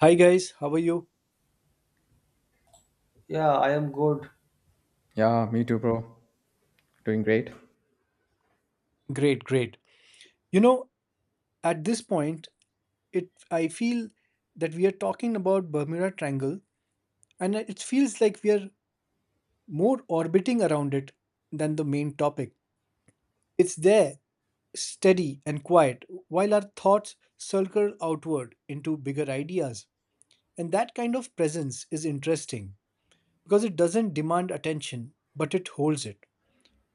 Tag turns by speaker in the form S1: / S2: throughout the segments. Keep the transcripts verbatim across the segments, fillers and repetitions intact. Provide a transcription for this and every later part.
S1: Hi guys, how are you?
S2: Yeah, I am good.
S3: Yeah, me too, bro. Doing great.
S1: Great, great. You know, at this point, it I feel that we are talking about Bermuda Triangle and it feels like we are more orbiting around it than the main topic. It's there, steady and quiet, while our thoughts circle outward into bigger ideas. And that kind of presence is interesting because it doesn't demand attention, but it holds it.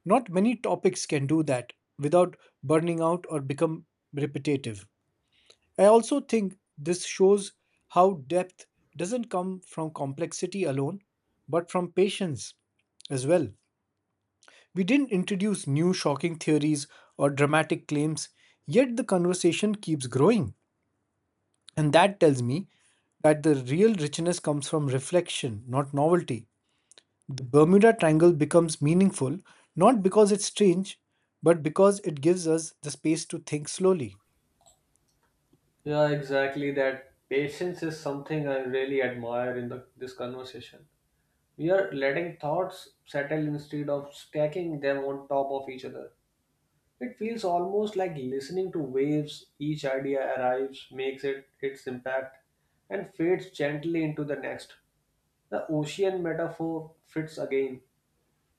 S1: Not many topics can do that without burning out or become repetitive. I also think this shows how depth doesn't come from complexity alone, but from patience as well. We didn't introduce new shocking theories or dramatic claims, yet the conversation keeps growing. And that tells me that the real richness comes from reflection, not novelty. The Bermuda Triangle becomes meaningful not because it's strange, but because it gives us the space to think slowly.
S2: Yeah, exactly that. Patience is something I really admire in the, this conversation. We are letting thoughts settle instead of stacking them on top of each other. It feels almost like listening to waves. Each idea arrives, makes it its impact, and fades gently into the next. The ocean metaphor fits again,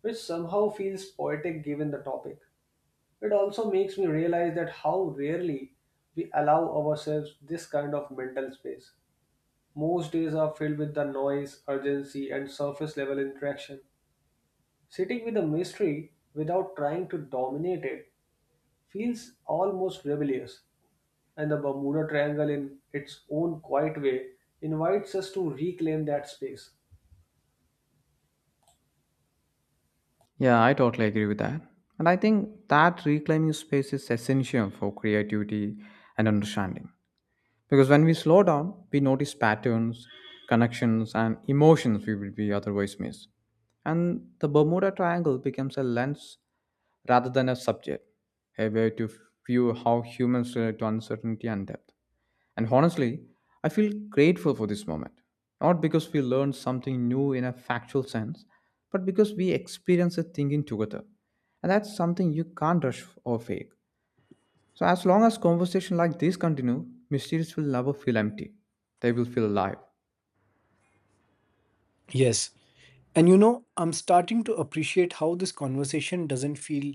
S2: which somehow feels poetic given the topic. It also makes me realize that how rarely we allow ourselves this kind of mental space. Most days are filled with the noise, urgency, and surface level interaction. Sitting with a mystery without trying to dominate it feels almost rebellious, and the Bermuda Triangle, in its own quiet way, invites us to reclaim that space.
S3: Yeah, I totally agree with that. And I think that reclaiming space is essential for creativity and understanding. Because when we slow down, we notice patterns, connections, and emotions we would be otherwise miss. And the Bermuda Triangle becomes a lens rather than a subject, a way to view how humans relate to uncertainty and depth. And honestly, I feel grateful for this moment. Not because we learned something new in a factual sense, but because we experienced it thinking together. And that's something you can't rush or fake. So as long as conversation like this continue, mysteries will never feel empty. They will feel alive.
S1: Yes, and you know, I'm starting to appreciate how this conversation doesn't feel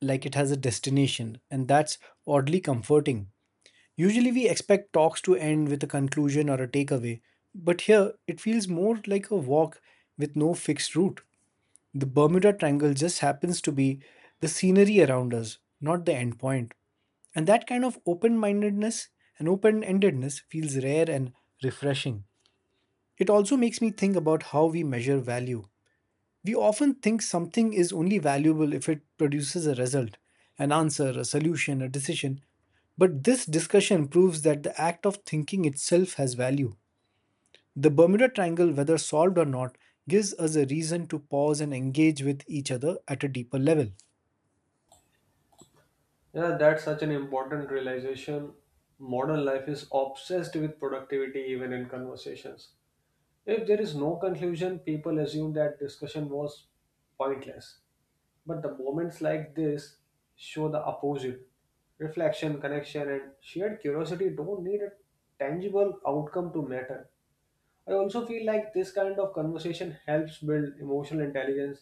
S1: like it has a destination, and that's oddly comforting. Usually, we expect talks to end with a conclusion or a takeaway, but here it feels more like a walk with no fixed route. The Bermuda Triangle just happens to be the scenery around us, not the end point. And that kind of open mindedness and open endedness feels rare and refreshing. It also makes me think about how we measure value. We often think something is only valuable if it produces a result, an answer, a solution, a decision. But this discussion proves that the act of thinking itself has value. The Bermuda Triangle, whether solved or not, gives us a reason to pause and engage with each other at a deeper level.
S2: Yeah, that's such an important realization. Modern life is obsessed with productivity even in conversations. If there is no conclusion, people assume that discussion was pointless. But the moments like this show the opposite. Reflection, connection, and shared curiosity don't need a tangible outcome to matter. I also feel like this kind of conversation helps build emotional intelligence,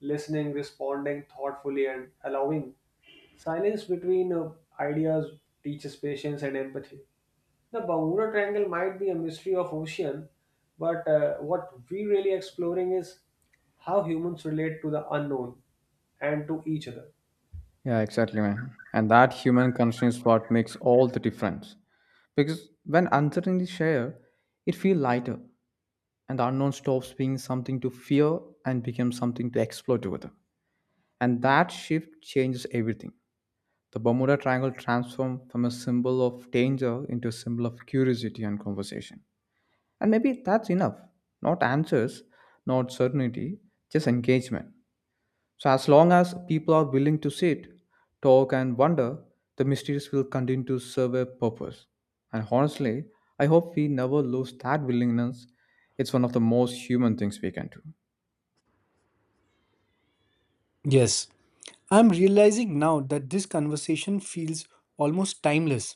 S2: listening, responding thoughtfully, and allowing. Silence between uh, ideas teaches patience and empathy. The Bermuda Triangle might be a mystery of ocean, but uh, what we really exploring is how humans relate to the unknown and to each other.
S3: Yeah, exactly, man. And that human connection is what makes all the difference. Because when uncertainty shared, it feels lighter, and the unknown stops being something to fear and becomes something to explore together. And that shift changes everything. The Bermuda Triangle transformed from a symbol of danger into a symbol of curiosity and conversation. And maybe that's enough. Not answers, not certainty, just engagement. So, as long as people are willing to sit, talk, and wonder, the mysteries will continue to serve a purpose. And honestly, I hope we never lose that willingness. It's one of the most human things we can do.
S1: Yes, I'm realizing now that this conversation feels almost timeless,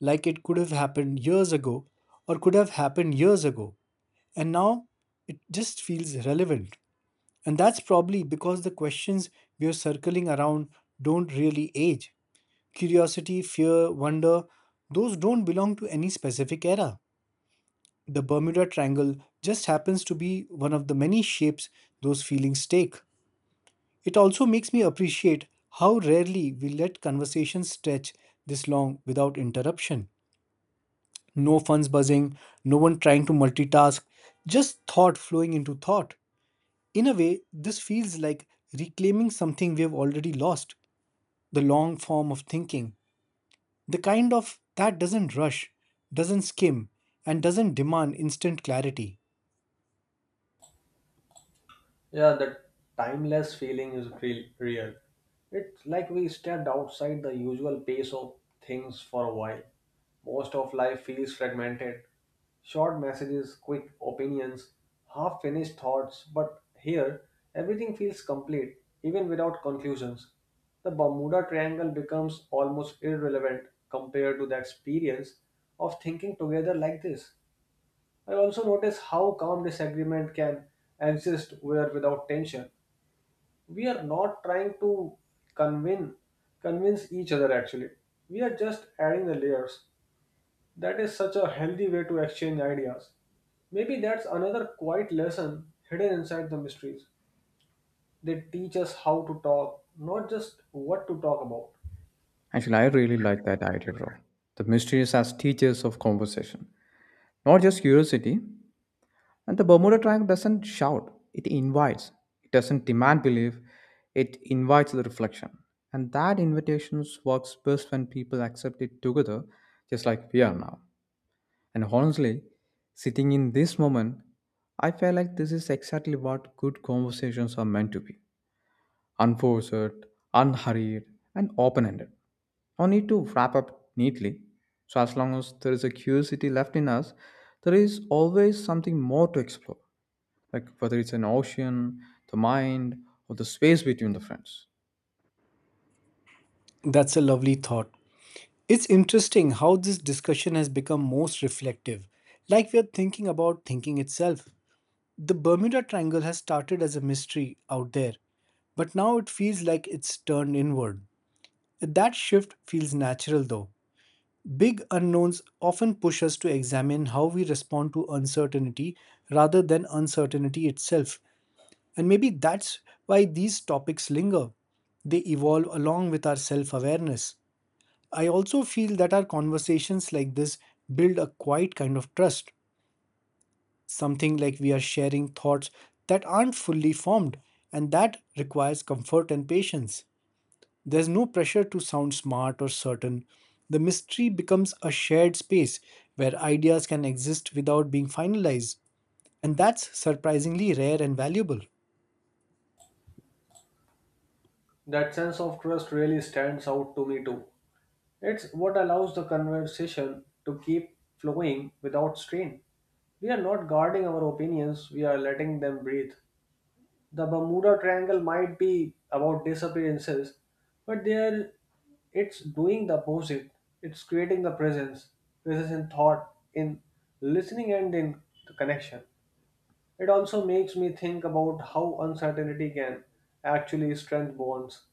S1: like it could have happened years ago or could have happened years ago. And now it just feels relevant. And that's probably because the questions we're circling around don't really age. Curiosity, fear, wonder, those don't belong to any specific era. The Bermuda Triangle just happens to be one of the many shapes those feelings take. It also makes me appreciate how rarely we let conversations stretch this long without interruption. No phones buzzing, no one trying to multitask, just thought flowing into thought. In a way, this feels like reclaiming something we have already lost the long form of thinking, the kind of that doesn't rush, doesn't skim, and doesn't demand instant clarity.
S2: Yeah, that timeless feeling is real, real. It's like we stepped outside the usual pace of things for a while. Most of life feels fragmented. Short messages, quick opinions, half finished thoughts, but here everything feels complete, even without conclusions. The Bermuda Triangle becomes almost irrelevant compared to the experience of thinking together like this. I also notice how calm disagreement can exist where without tension. We are not trying to convince convince each other actually. We are just adding the layers. That is such a healthy way to exchange ideas. Maybe that's another quiet lesson hidden inside the mysteries. They teach us how to talk, not just what to talk about.
S3: Actually, I really like that idea, bro. The mysteries as teachers of conversation, not just curiosity. And the Bermuda Triangle doesn't shout, it invites. It doesn't demand belief, it invites the reflection. And that invitation works best when people accept it together, just like we are now. And honestly, sitting in this moment, I feel like this is exactly what good conversations are meant to be: unforced, unhurried, and open ended. No need to wrap up neatly. So, as long as there is a curiosity left in us, there is always something more to explore, like whether it's an ocean, the mind, or the space between the friends.
S1: That's a lovely thought. It's interesting how this discussion has become most reflective, like we are thinking about thinking itself. The Bermuda Triangle has started as a mystery out there, but now it feels like it's turned inward. That shift feels natural though. Big unknowns often push us to examine how we respond to uncertainty rather than uncertainty itself, and maybe that's why these topics linger. They evolve along with our self awareness. I also feel that our conversations like this build a quiet kind of trust, something like we are sharing thoughts that aren't fully formed, and that requires comfort and patience. There's no pressure to sound smart or certain. The mystery becomes a shared space where ideas can exist without being finalized, and that's surprisingly rare and valuable.
S2: That sense of trust really stands out to me too. It's what allows the conversation to keep flowing without strain. We are not guarding our opinions, we are letting them breathe. The Bermuda Triangle might be about disappearances, but there it's doing the opposite. It's creating the presence, presence in thought, in listening and in the connection. It also makes me think about how uncertainty can actually strengthen bonds.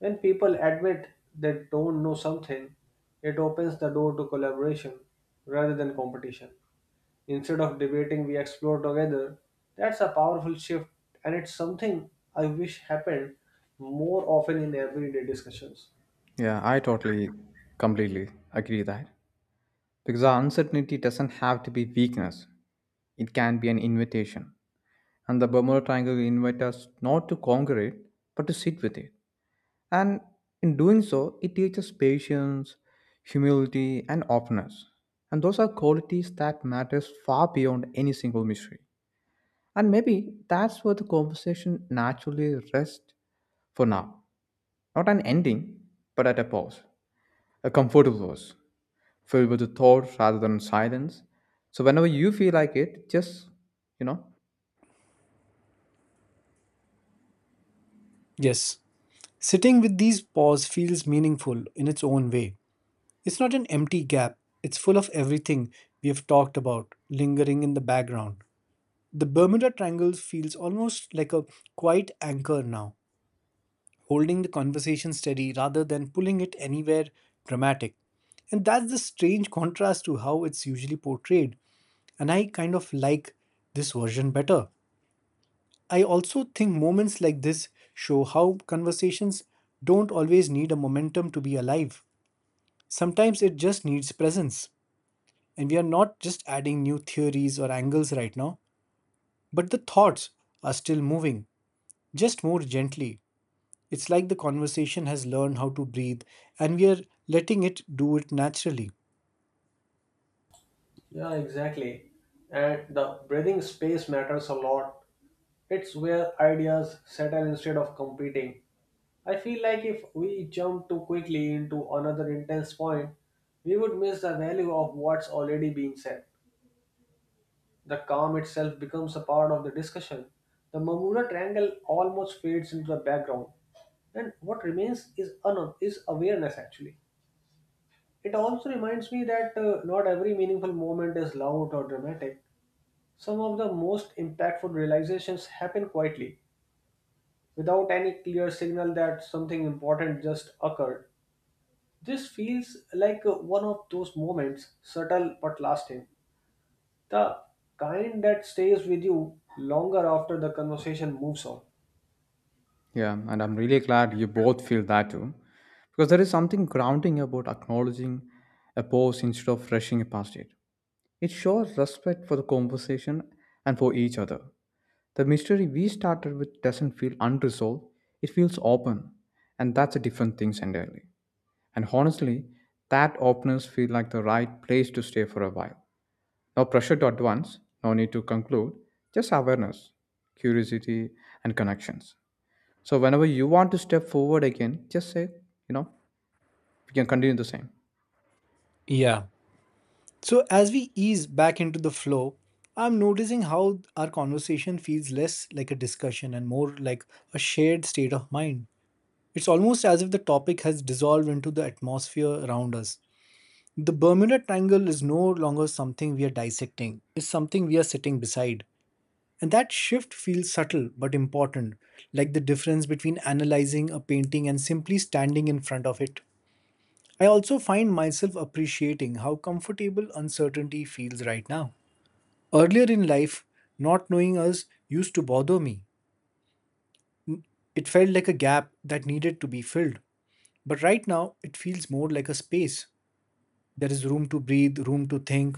S2: When people admit they don't know something, it opens the door to collaboration rather than competition. Instead of debating, we explore together. That's a powerful shift, and it's something I wish happened more often in everyday discussions.
S3: Yeah, I totally, completely agree that. Because our uncertainty doesn't have to be weakness, it can be an invitation. And the Bermuda Triangle invites us not to conquer it, but to sit with it. And in doing so, it teaches patience, humility, and openness. And those are qualities that matters far beyond any single mystery. And maybe that's where the conversation naturally rests for now. Not an ending, but at a pause. A comfortable pause, filled with the thought rather than silence. So whenever you feel like it, just, you know,
S1: Yes, sitting with these paws feels meaningful in its own way. It's not an empty gap, it's full of everything we have talked about lingering in the background. The Bermuda Triangle feels almost like a quiet anchor now, holding the conversation steady rather than pulling it anywhere dramatic. And that's the strange contrast to how it's usually portrayed. And I kind of like this version better. I also think moments like this show how conversations don't always need a momentum to be alive. Sometimes it just needs presence. And we are not just adding new theories or angles right now, but the thoughts are still moving, just more gently. It's like the conversation has learned how to breathe and we are letting it do it naturally.
S2: Yeah, exactly. And the breathing space matters a lot. It's where ideas settle instead of competing. I feel like if we jump too quickly into another intense point, we would miss the value of what's already being said. The calm itself becomes a part of the discussion. The Mamura triangle almost fades into the background. And what remains is, un- is awareness actually. It also reminds me that uh, not every meaningful moment is loud or dramatic. Some of the most impactful realizations happen quietly, without any clear signal that something important just occurred. This feels like uh, one of those moments, subtle but lasting, the kind that stays with you longer after the conversation moves on.
S3: Yeah, and I'm really glad you both feel that too. Because there is something grounding about acknowledging a pause instead of rushing past it. It shows respect for the conversation and for each other. The mystery we started with doesn't feel unresolved, it feels open. And that's a different thing entirely. And honestly, that openness feels like the right place to stay for a while. No pressure to advance, no need to conclude, just awareness, curiosity, and connections. So whenever you want to step forward again, just say, you know, we can continue the same.
S1: Yeah. So as we ease back into the flow, I'm noticing how our conversation feels less like a discussion and more like a shared state of mind. It's almost as if the topic has dissolved into the atmosphere around us. The Bermuda Triangle is no longer something we are dissecting, it's something we are sitting beside. And that shift feels subtle but important, like the difference between analyzing a painting and simply standing in front of it. I also find myself appreciating how comfortable uncertainty feels right now. Earlier in life, not knowing us used to bother me. It felt like a gap that needed to be filled. But right now, it feels more like a space. There is room to breathe, room to think.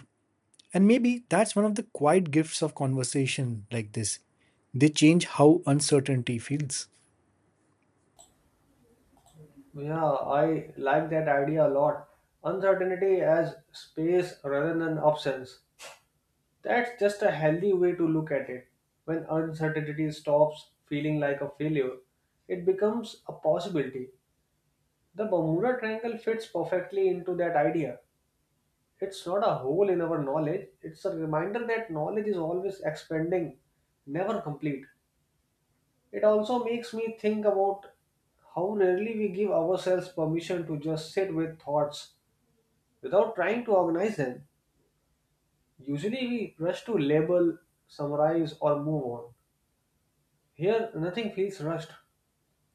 S1: And maybe that's one of the quiet gifts of conversation like this. They change how uncertainty feels.
S2: Yeah, I like that idea a lot. Uncertainty as space rather than absence. That's just a healthy way to look at it. When uncertainty stops feeling like a failure, it becomes a possibility. The Bermuda Triangle fits perfectly into that idea. It's not a hole in our knowledge, it's a reminder that knowledge is always expanding, never complete. It also makes me think about how rarely we give ourselves permission to just sit with thoughts without trying to organize them. Usually we rush to label, summarize, or move on. Here, nothing feels rushed.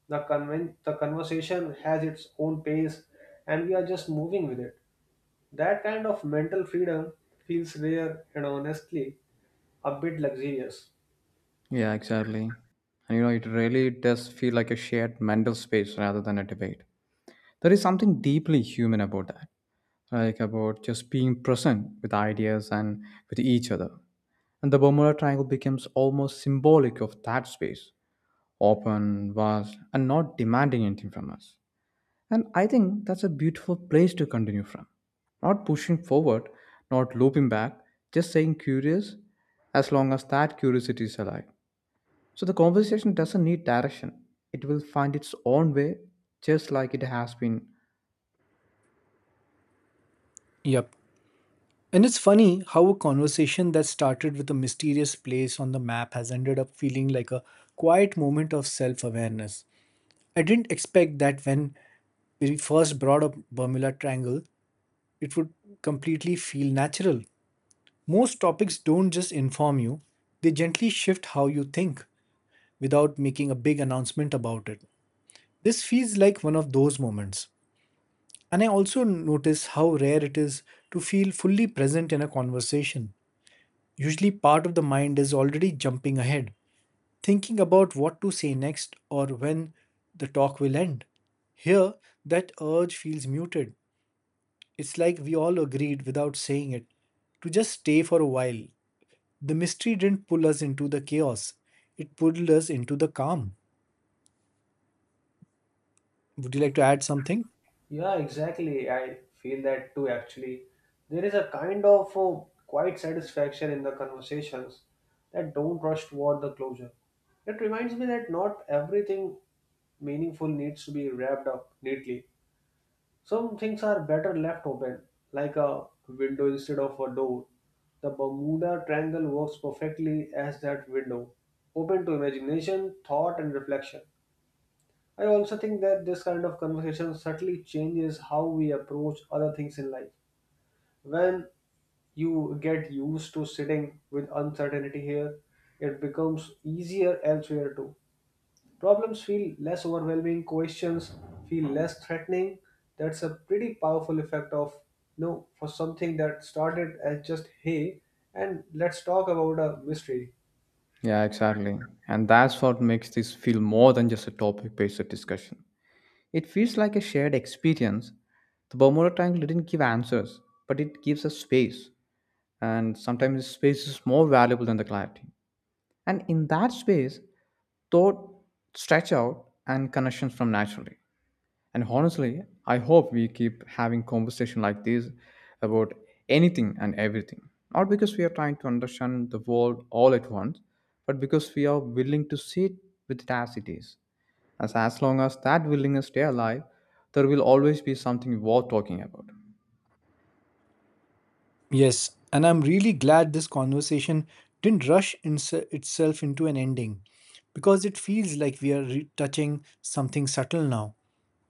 S2: The, conven- the conversation has its own pace, and we are just moving with it. That kind of mental freedom feels rare and honestly a bit luxurious.
S3: Yeah, exactly. And you know, it really does feel like a shared mental space rather than a debate. There is something deeply human about that, like about just being present with ideas and with each other. And the Bermuda Triangle becomes almost symbolic of that space: open, vast, and not demanding anything from us. And I think that's a beautiful place to continue from. Not pushing forward, not looping back, just saying curious as long as that curiosity is alive. So the conversation doesn't need direction, it will find its own way just like it has been.
S1: Yep. And it's funny how a conversation that started with a mysterious place on the map has ended up feeling like a quiet moment of self awareness. I didn't expect that when we first brought up Bermuda Triangle, it would completely feel natural. Most topics don't just inform you, they gently shift how you think without making a big announcement about it. This feels like one of those moments. And I also notice how rare it is to feel fully present in a conversation. Usually, part of the mind is already jumping ahead, thinking about what to say next or when the talk will end. Here, that urge feels muted. It's like we all agreed without saying it to just stay for a while. The mystery didn't pull us into the chaos, it pulled us into the calm. Would you like to add something?
S2: Yeah, exactly. I feel that too, actually. There is a kind of uh, quiet satisfaction in the conversations that don't rush toward the closure. It reminds me that not everything meaningful needs to be wrapped up neatly. Some things are better left open, like a window instead of a door. The Bermuda Triangle works perfectly as that window, open to imagination, thought, and reflection. I also think that this kind of conversation subtly changes how we approach other things in life. When you get used to sitting with uncertainty here, it becomes easier elsewhere too. Problems feel less overwhelming, questions feel less threatening. That's a pretty powerful effect of you know for something that started as just hey and let's talk about a mystery.
S3: Yeah, exactly. And that's what makes this feel more than just a topic based discussion. It feels like a shared experience. The Bermuda Triangle didn't give answers, but it gives us space. And sometimes space is more valuable than the clarity. And in that space, thought stretch out and connections from naturally. And honestly, I hope we keep having conversation like this about anything and everything. Not because we are trying to understand the world all at once, but because we are willing to sit with it as it is. As as long as that willingness stay alive, there will always be something worth talking about.
S1: Yes, and I'm really glad this conversation didn't rush ins- itself into an ending because it feels like we are re- touching something subtle now.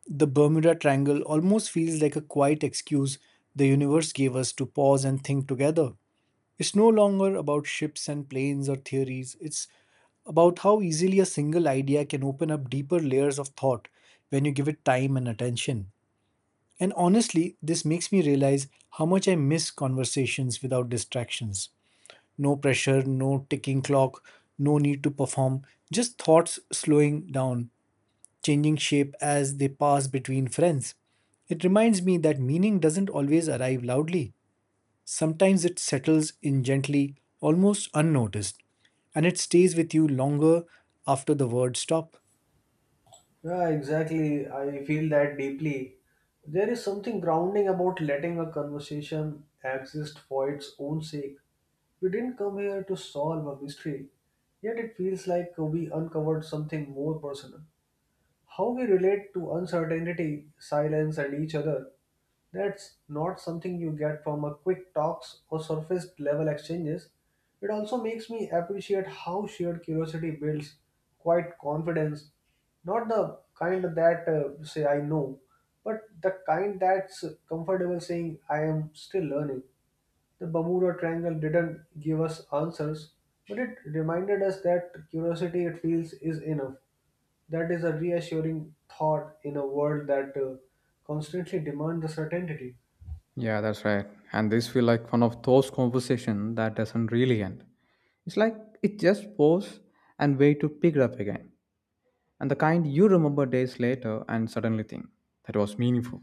S1: The Bermuda Triangle almost feels like a quiet excuse the universe gave us to pause and think together. It's no longer about ships and planes or theories, it's about how easily a single idea can open up deeper layers of thought when you give it time and attention. And honestly, this makes me realize how much I miss conversations without distractions. No pressure, no ticking clock, no need to perform, just thoughts slowing down changing shape as they pass between friends. It reminds me that meaning doesn't always arrive loudly. Sometimes it settles in gently, almost unnoticed, and it stays with you longer after the words stop.
S2: Yeah, exactly. I feel that deeply. There is something grounding about letting a conversation exist for its own sake. We didn't come here to solve a mystery, yet it feels like we uncovered something more personal. How we relate to uncertainty, silence, and each other, that's not something you get from a quick talks or surface level exchanges. It also makes me appreciate how shared curiosity builds quite confidence, not the kind that uh, you say I know, but the kind that's comfortable saying I am still learning. The Bermuda Triangle didn't give us answers, but it reminded us that curiosity it feels is enough. That is a reassuring thought in a world that uh, constantly demands the certainty.
S3: Yeah, that's right. And this feel like one of those conversations that doesn't really end. It's like it just pause and wait to pick it up again. And the kind you remember days later and suddenly think that was meaningful.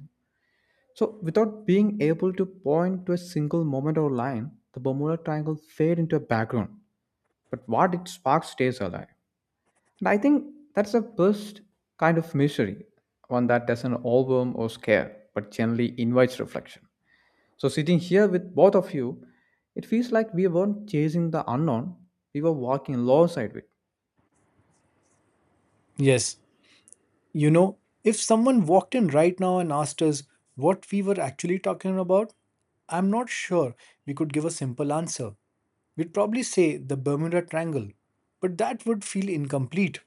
S3: So without being able to point to a single moment or line, the Bermuda Triangle fade into a background. But what it sparks stays alive. And I think that's the best kind of mystery, one that doesn't overwhelm or scare, but generally invites reflection. So sitting here with both of you, it feels like we weren't chasing the unknown, we were walking alongside it.
S1: Yes, you know, if someone walked in right now and asked us what we were actually talking about, I'm not sure we could give a simple answer. We'd probably say the Bermuda Triangle, but that would feel incomplete.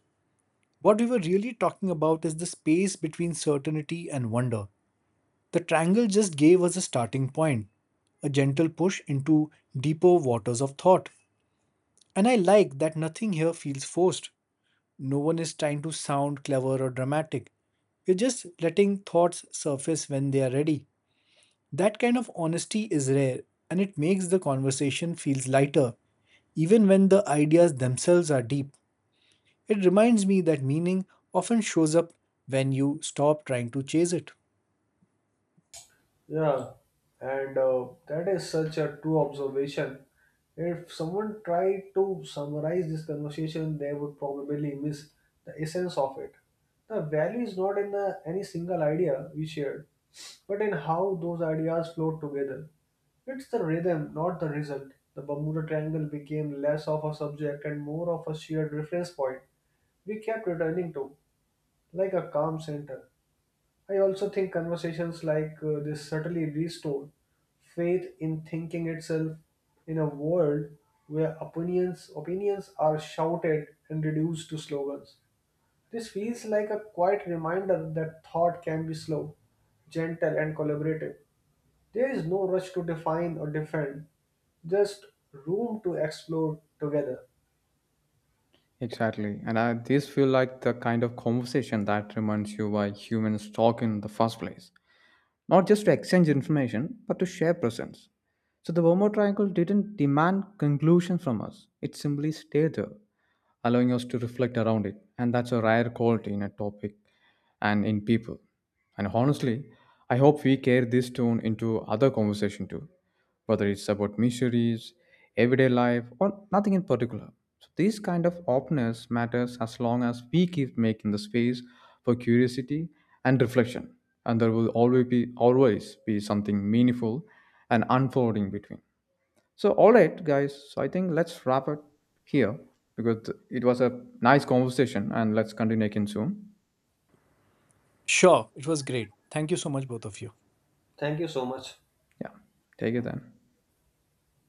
S1: What we were really talking about is the space between certainty and wonder. The triangle just gave us a starting point, a gentle push into deeper waters of thought. And I like that nothing here feels forced. No one is trying to sound clever or dramatic. We're just letting thoughts surface when they are ready. That kind of honesty is rare and it makes the conversation feels lighter, even when the ideas themselves are deep. It reminds me that meaning often shows up when you stop trying to chase it.
S2: Yeah, and uh, that is such a true observation. If someone tried to summarize this conversation, they would probably miss the essence of it. The value is not in the, any single idea we shared, but in how those ideas flow together. It's the rhythm, not the result. The Bermuda Triangle became less of a subject and more of a shared reference point we kept returning to, like a calm center. I also think conversations like uh, this certainly restore faith in thinking itself in a world where opinions opinions are shouted and reduced to slogans. This feels like a quiet reminder that thought can be slow, gentle, and collaborative. There is no rush to define or defend, just room to explore together.
S3: Exactly. And I, these feel like the kind of conversation that reminds you why humans talk in the first place. Not just to exchange information, but to share presence. So the Bermuda Triangle didn't demand conclusion from us. It simply stayed there, allowing us to reflect around it. And that's a rare quality in a topic and in people. And honestly, I hope we carry this tone into other conversation too, whether it's about missionaries, everyday life, or nothing in particular. So this kind of openness matters as long as we keep making the space for curiosity and reflection. And there will always be always be something meaningful and unfolding between. So all right, guys. So I think let's wrap it here because it was a nice conversation, and let's continue again soon.
S1: Sure, it was great. Thank you so much, both of you.
S2: Thank you so much.
S3: Yeah, take it then.